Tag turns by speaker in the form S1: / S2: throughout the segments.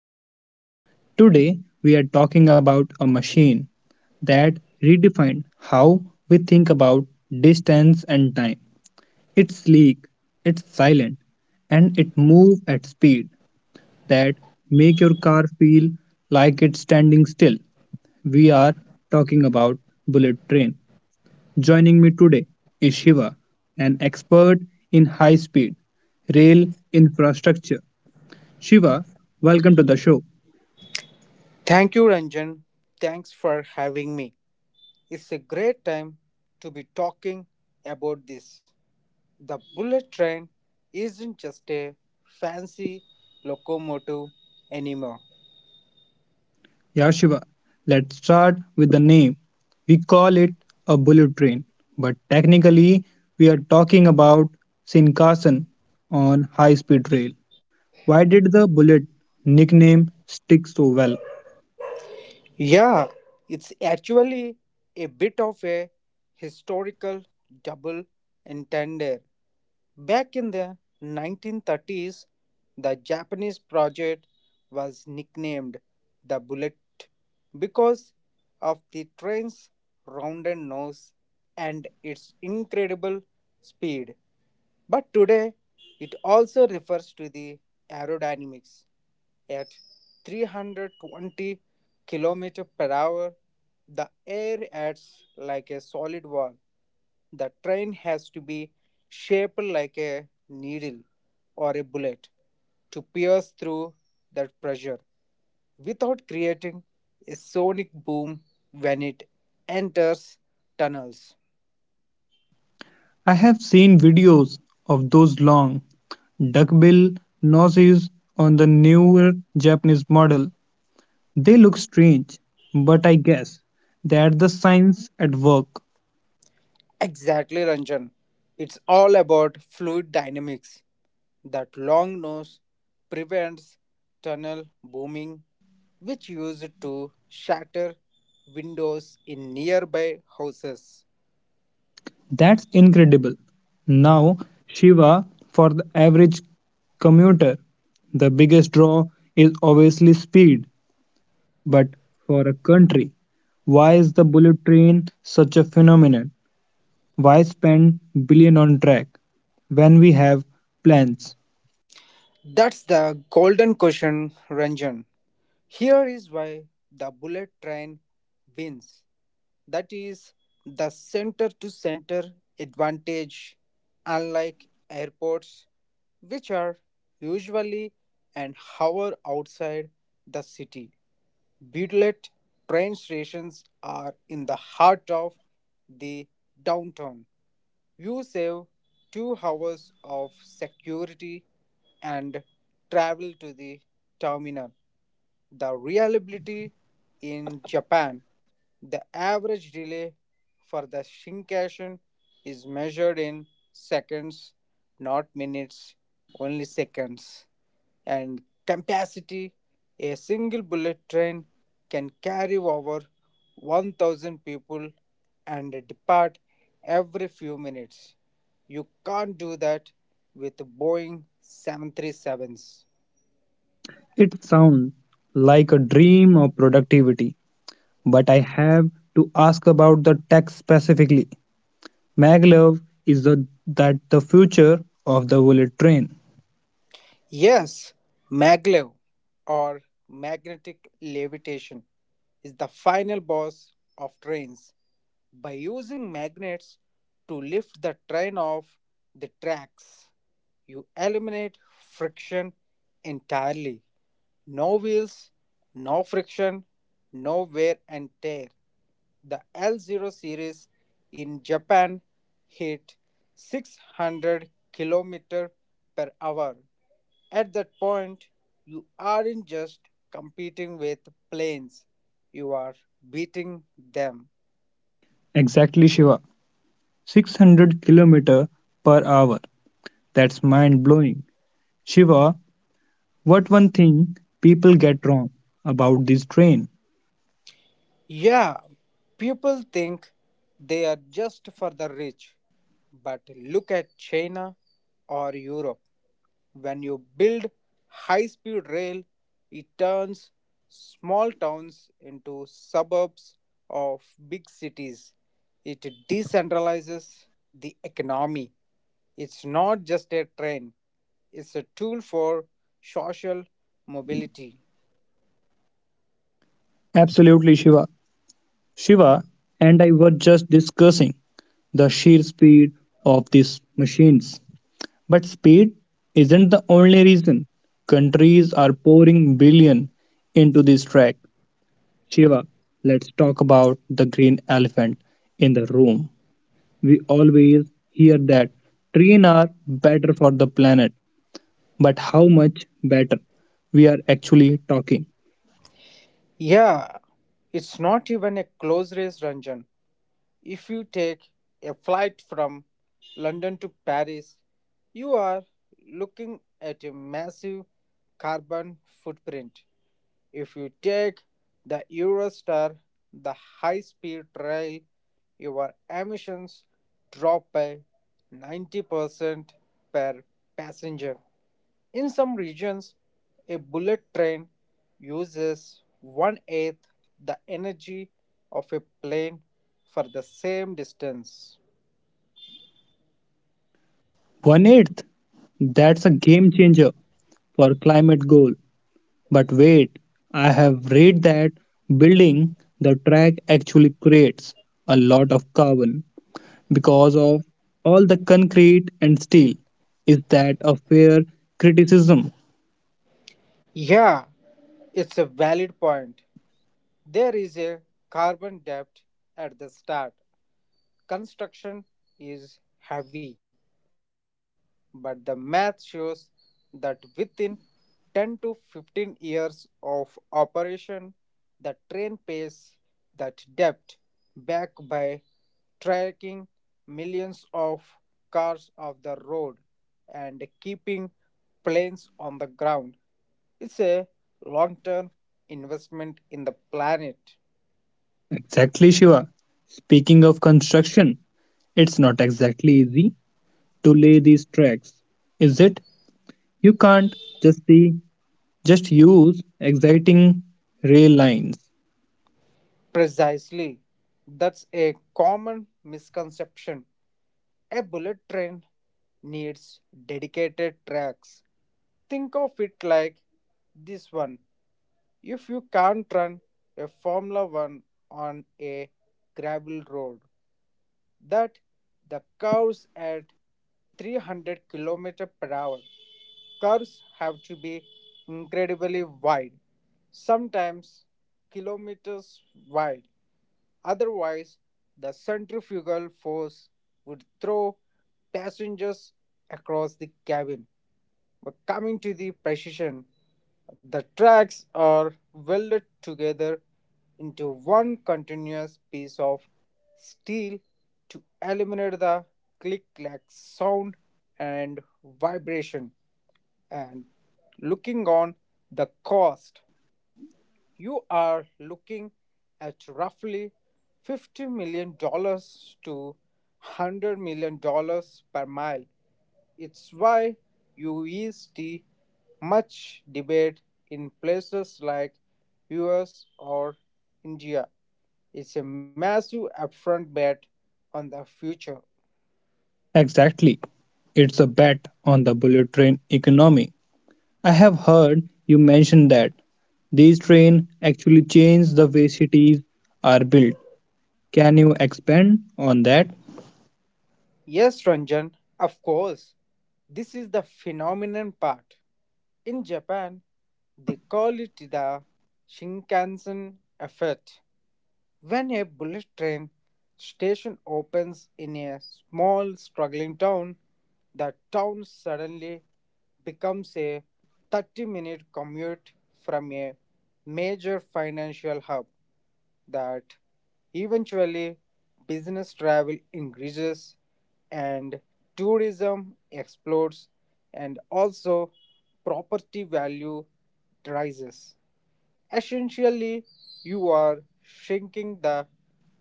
S1: Ranjan. Today we are talking about a machine that redefined how we think about distance and time. It's sleek, it's silent, and it moves at speed that make your car feel like it's standing still. We are talking about bullet train. Joining me today is Shiva, an expert in high speed rail infrastructure. Shiva, welcome to the show.
S2: Thank you, Ranjan. Thanks for having me. It's a great time to be talking about this. The bullet train isn't just a fancy locomotive anymore.
S1: Yeah, Shiva, let's start with the name. We call it a bullet train, but technically, we are talking about Shinkansen on high speed rail. Why did the bullet nickname stick so well?
S2: Yeah, it's actually a bit of a historical double entendre. Back in the 1930s, the Japanese project was nicknamed the Bullet because of the train's rounded nose and its incredible speed. But today it also refers to the aerodynamics at 320 km per hour. The air acts like a solid wall. The train has to be shaped like a needle or a bullet to pierce through that pressure without creating a sonic boom when it enters tunnels.
S1: I have seen videos of those long, duckbill noses on the newer Japanese model. They look strange, but I guess that's the science at work.
S2: Exactly, Ranjan. It's all about fluid dynamics. That long nose prevents tunnel booming, which used to shatter windows in nearby houses.
S1: That's incredible. Now, Shiva, for the average commuter, the biggest draw is obviously speed. But for a country, why is the bullet train such a phenomenon? Why spend billion on track when we have plans?
S2: That's the golden question, Ranjan. Here is why the bullet train wins. That is the center to center advantage, unlike airports, which are usually an hour outside the city. Beadlet train stations are in the heart of the downtown. You save 2 hours of security and travel to the terminal. The reliability in Japan, the average delay for the Shinkansen is measured in seconds, not minutes, only seconds. And capacity, a single bullet train can carry over 1,000 people and depart every few minutes. You can't do that with Boeing 737s.
S1: It sounds like a dream of productivity, but I have to ask about the tech specifically. Maglev is that the future of the bullet train.
S2: Yes, maglev or magnetic levitation is the final boss of trains. By using magnets to lift the train off the tracks, you eliminate friction entirely. No wheels, no friction, no wear and tear. The L0 series in Japan hit 600 km per hour. At that point, you aren't just competing with planes, you are beating them.
S1: Exactly, Shiva. 600 kilometer per hour. That's mind blowing. Shiva, what one thing people get wrong about this train?
S2: Yeah, people think they are just for the rich, but look at China or Europe. When you build high speed rail, it turns small towns into suburbs of big cities. It decentralizes the economy. It's not just a train, it's a tool for social mobility.
S1: Absolutely, Shiva. Shiva and I were just discussing the sheer speed of these machines. But speed isn't the only reason countries are pouring billion into this track. Shiva, let's talk about the green elephant in the room. We always hear that trains are better for the planet, but how much better we are actually talking?
S2: Yeah, it's not even a close race, Ranjan. If you take a flight from London to Paris, you are looking at a massive carbon footprint. If you take the Eurostar, the high speed rail, your emissions drop by 90% per passenger. In some regions, a bullet train uses one eighth the energy of a plane for the same distance.
S1: One eighth. That's a game changer for climate goal. But wait, I have read that building the track actually creates a lot of carbon because of all the concrete and steel. Is that a fair criticism?
S2: Yeah, it's a valid point. There is a carbon debt at the start. Construction is heavy, but the math shows that within 10 to 15 years of operation, the train pays that debt back by tracking millions of cars off the road and keeping planes on the ground. It's a long term investment in the planet.
S1: Exactly, Shiva. Speaking of construction, it's not exactly easy to lay these tracks, is it? You can't just be just use exciting rail lines.
S2: Precisely. That's a common misconception. A bullet train needs dedicated tracks. Think of it like this one. If you can't run a Formula One on a gravel road, that the curves at 300 kilometers per hour, curves have to be incredibly wide, sometimes kilometers wide. Otherwise, the centrifugal force would throw passengers across the cabin. But coming to the precision, the tracks are welded together into one continuous piece of steel to eliminate the click clack sound and vibration. And looking on the cost, you are looking at roughly $50 million dollars to $100 million dollars per mile. It's why you see much debate in places like US or India. It's a massive upfront bet on the future.
S1: Exactly. It's a bet on the bullet train economy. I have heard you mention that these trains actually change the way cities are built. Can you expand on that?
S2: Yes, Ranjan, of course. This is the phenomenon part. In Japan, they call it the Shinkansen effect. When a bullet train station opens in a small struggling town, the town suddenly becomes a 30-minute commute from a major financial hub. That eventually business travel increases and tourism explodes and also property value rises. Essentially, you are shrinking the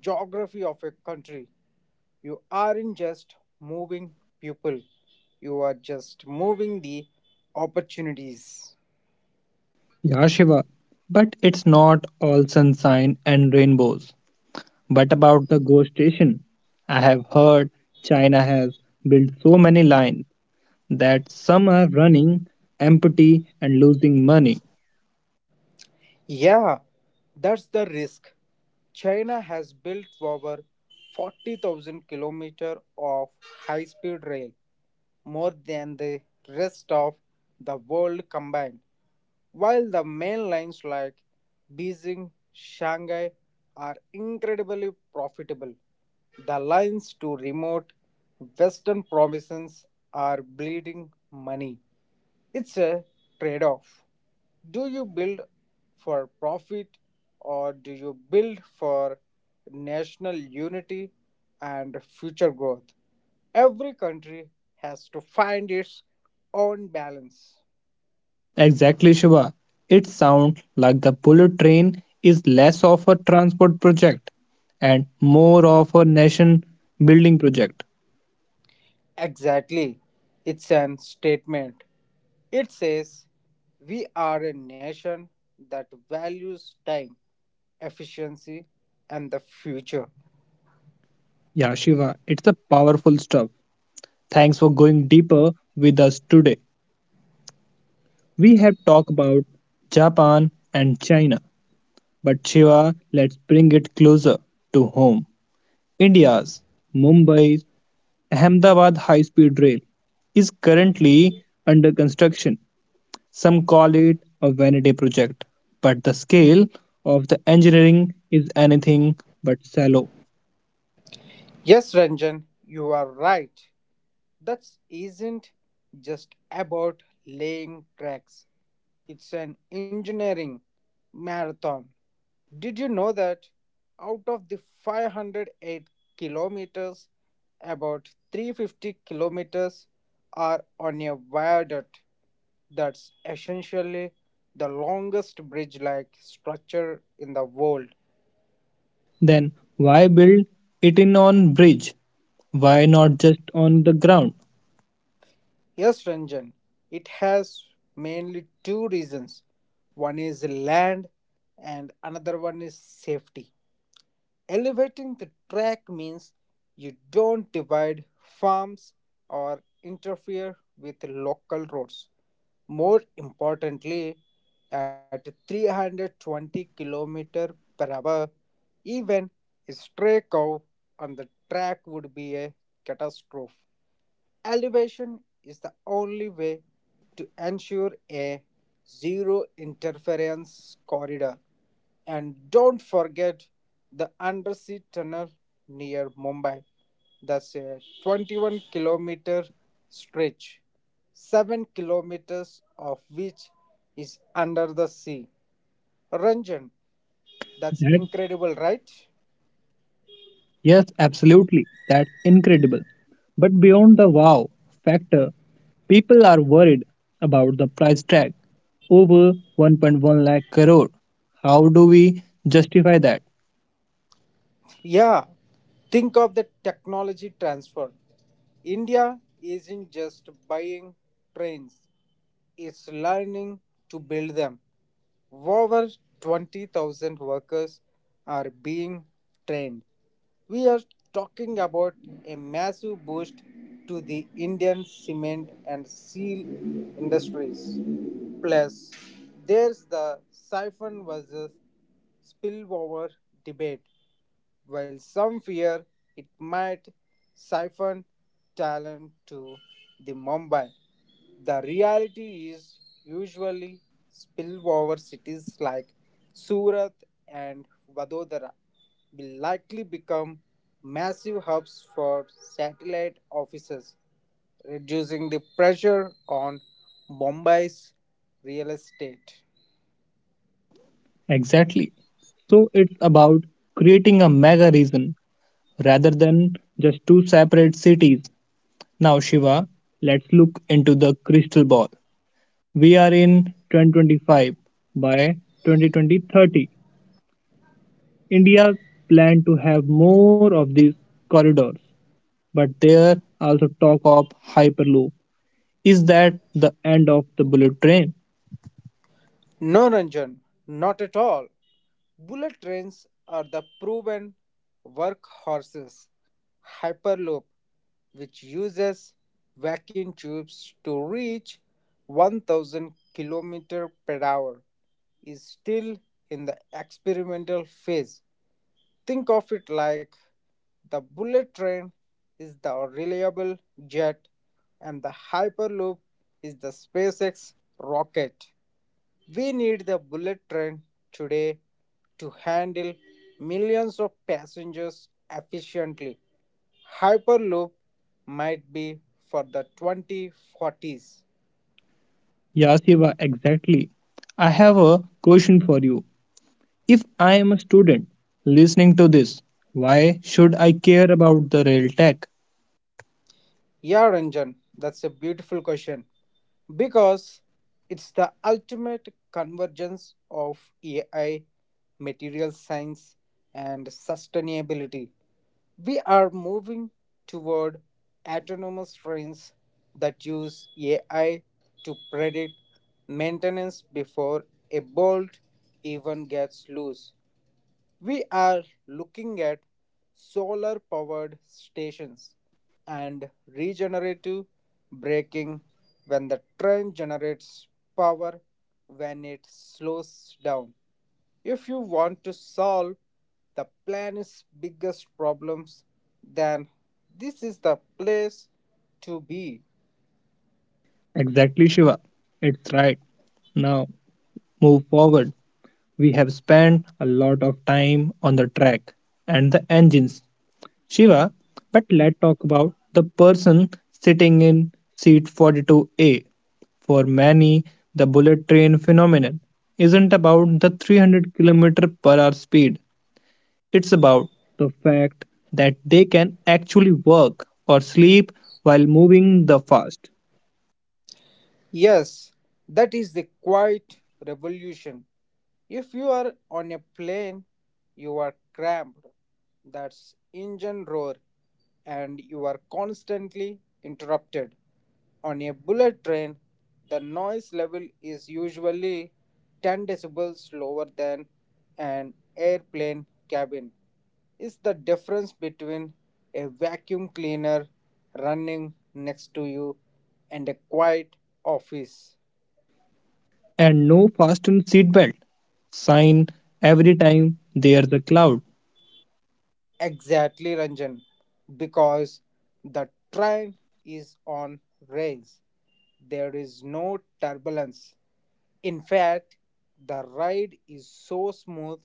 S2: geography of a country. You aren't just moving people, you are just moving the opportunities.
S1: Yeah, Shiva. But it's not all sunshine and rainbows. What about the ghost station? I have heard China has built so many lines that some are running empty and losing money.
S2: Yeah, that's the risk. China has built over 40,000 kilometers of high-speed rail, more than the rest of the world combined. While the main lines like Beijing, Shanghai are incredibly profitable, the lines to remote western provinces are bleeding money. It's a trade off. Do you build for profit or do you build for national unity and future growth? Every country has to find its own balance.
S1: Exactly, Shiva. It sounds like the bullet train is less of a transport project and more of a nation building project.
S2: Exactly. It's an statement. It says, we are a nation that values time, efficiency, and the future.
S1: Yeah, Shiva, it's a powerful stuff. Thanks for going deeper with us today. We have talked about Japan and China, but Shiva, let's bring it closer to home. India's Mumbai's Ahmedabad high speed rail is currently under construction. Some call it a vanity project, but the scale of the engineering is anything but shallow.
S2: Yes, Ranjan, you are right. That isn't just about laying tracks, it's an engineering marathon. Did you know that out of the 508 kilometers, about 350 kilometers are on a viaduct? That's essentially the longest bridge like structure in the world.
S1: Then why build it in on bridge? Why not just on the ground?
S2: Yes, Ranjan, it has mainly two reasons. One is land and another one is safety. Elevating the track means you don't divide farms or interfere with local roads. More importantly, at 320 km per hour, even a stray cow on the track would be a catastrophe. Elevation is the only way to ensure a zero interference corridor. And don't forget the undersea tunnel near Mumbai. That's a 21-kilometer stretch, 7 kilometers of which is under the sea. Ranjan,
S1: That
S2: that's incredible, right?
S1: yes, absolutely. That's incredible. But beyond the wow factor, people are worried about the price tag over 1.1 lakh crore. How do we justify that?
S2: Yeah, think of the technology transfer. India isn't just buying trains, it's learning to build them. Over 20,000 workers are being trained. We are talking about a massive boost to the Indian cement and steel industries. Plus, there's the siphon versus spillover debate. While some fear it might siphon talent to the Mumbai, the reality is usually spillover cities like Surat and Vadodara will likely become massive hubs for satellite offices, reducing the pressure on Mumbai's real estate.
S1: Exactly. So it's about creating a mega region rather than just two separate cities. Now, Shiva, let's look into the crystal ball. We are in 2025. By 2030, India plan to have more of these corridors, but there also talk of Hyperloop. Is that the end of the bullet train?
S2: No, Ranjan, not at all. Bullet trains are the proven workhorses. Hyperloop, which uses vacuum tubes to reach 1000 km per hour, is still in the experimental phase. Think of it like the bullet train is the reliable jet and the hyperloop is the SpaceX rocket. We need the bullet train today to handle millions of passengers efficiently. Hyperloop might be for the 2040s.
S1: Yeah, Shiva, exactly. I have a question for you. If I am a student listening to this, why should I care about the rail tech?
S2: Yeah, Ranjan, that's a beautiful question because it's the ultimate convergence of AI, material science, and sustainability. We are moving toward autonomous trains that use AI to predict maintenance before a bolt even gets loose. We are looking at solar powered stations and regenerative braking, when the train generates power when it slows down. If you want to solve the planet's biggest problems, then this is the place to be.
S1: Exactly, Shiva. It's right. Now, move forward. We have spent a lot of time on the track and the engines, Shiva, but let's talk about the person sitting in seat 42A. For many, the bullet train phenomenon isn't about the 300 kilometers per hour speed. It's about the fact that they can actually work or sleep while moving the fast.
S2: Yes, that is the quiet revolution. If you are on a plane, you are cramped. That's engine roar, and you are constantly interrupted. On a bullet train, the noise level is usually 10 decibels lower than an airplane cabin. Is the difference between a vacuum cleaner running next to you and a quiet office.
S1: And no fasten seatbelt sign every time there's a cloud.
S2: Exactly, Ranjan, because the train is on rails. There is no turbulence. In fact, the ride is so smooth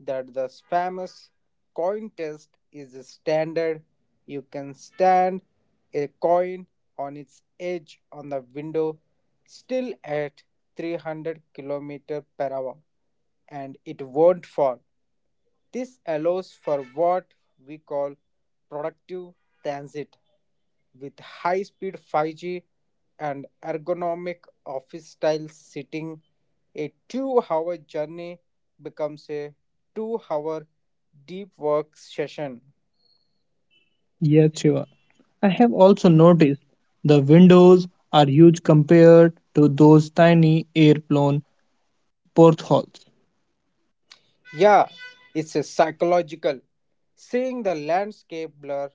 S2: that the famous coin test is a standard. You can stand a coin on its edge on the window, still at 300 km per hour, and it won't fall. This allows for what we call productive transit, with high speed 5G and ergonomic office style sitting. A 2-hour journey becomes a 2-hour deep work session.
S1: Yes, Shiva. I have also noticed the windows are huge compared to those tiny airplane portholes.
S2: Yeah, it's a psychological. Seeing the landscape blur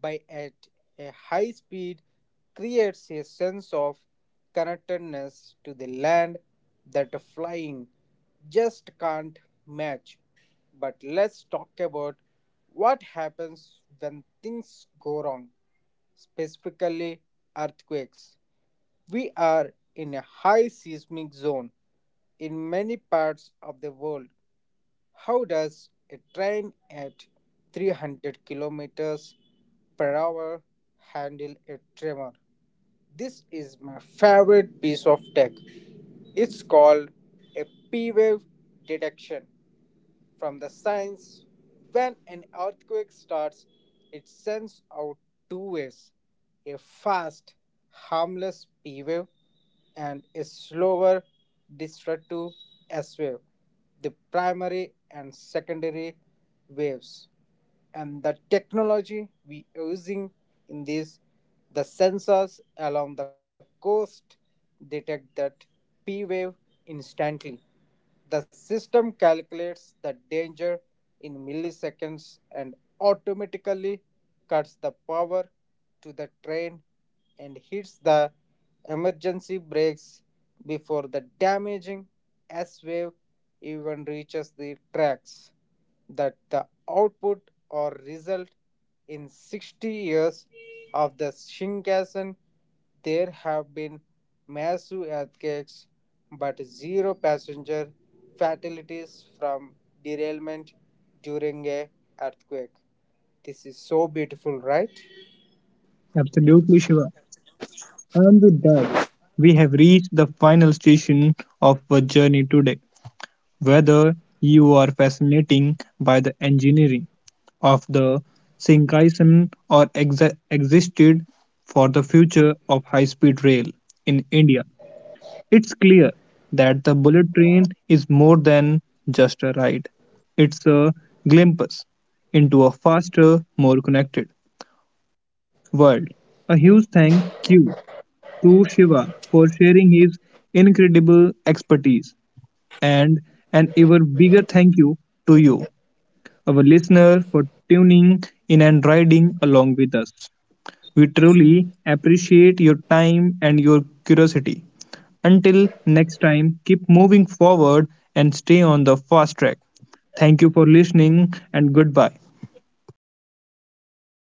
S2: by at a high speed creates a sense of connectedness to the land that flying just can't match. But let's talk about what happens when things go wrong, specifically earthquakes. We are in a high seismic zone in many parts of the world. How does a train at 300 kilometers per hour handle a tremor? This is my favorite piece of tech. It's called a P wave detection. From the science, when an earthquake starts, it sends out two waves, a fast harmless p wave and a slower destructive s wave, the primary and secondary waves. And the technology we using in this, the sensors along the coast detect that p wave instantly. The system calculates the danger in milliseconds and automatically cuts the power to the train and hits the emergency brakes before the damaging S wave even reaches the tracks. That the output or result, in 60 years of the Shinkansen, there have been massive earthquakes but zero passenger fatalities from derailment during a earthquake. This is so beautiful, right?
S1: Absolutely, Shiva. And with that, we have reached the final station of our journey today. Whether you are fascinating by the engineering of the Shinkansen or existed for the future of high-speed rail in India, it's clear that the bullet train is more than just a ride. It's a glimpse into a faster, more connected world. A huge thank you to Shiva for sharing his incredible expertise and an even bigger thank you to you our listener for tuning in and riding along with us. We truly appreciate your time and your curiosity. Until next time, keep moving forward and stay on the fast track. Thank you for listening and goodbye.
S2: Thank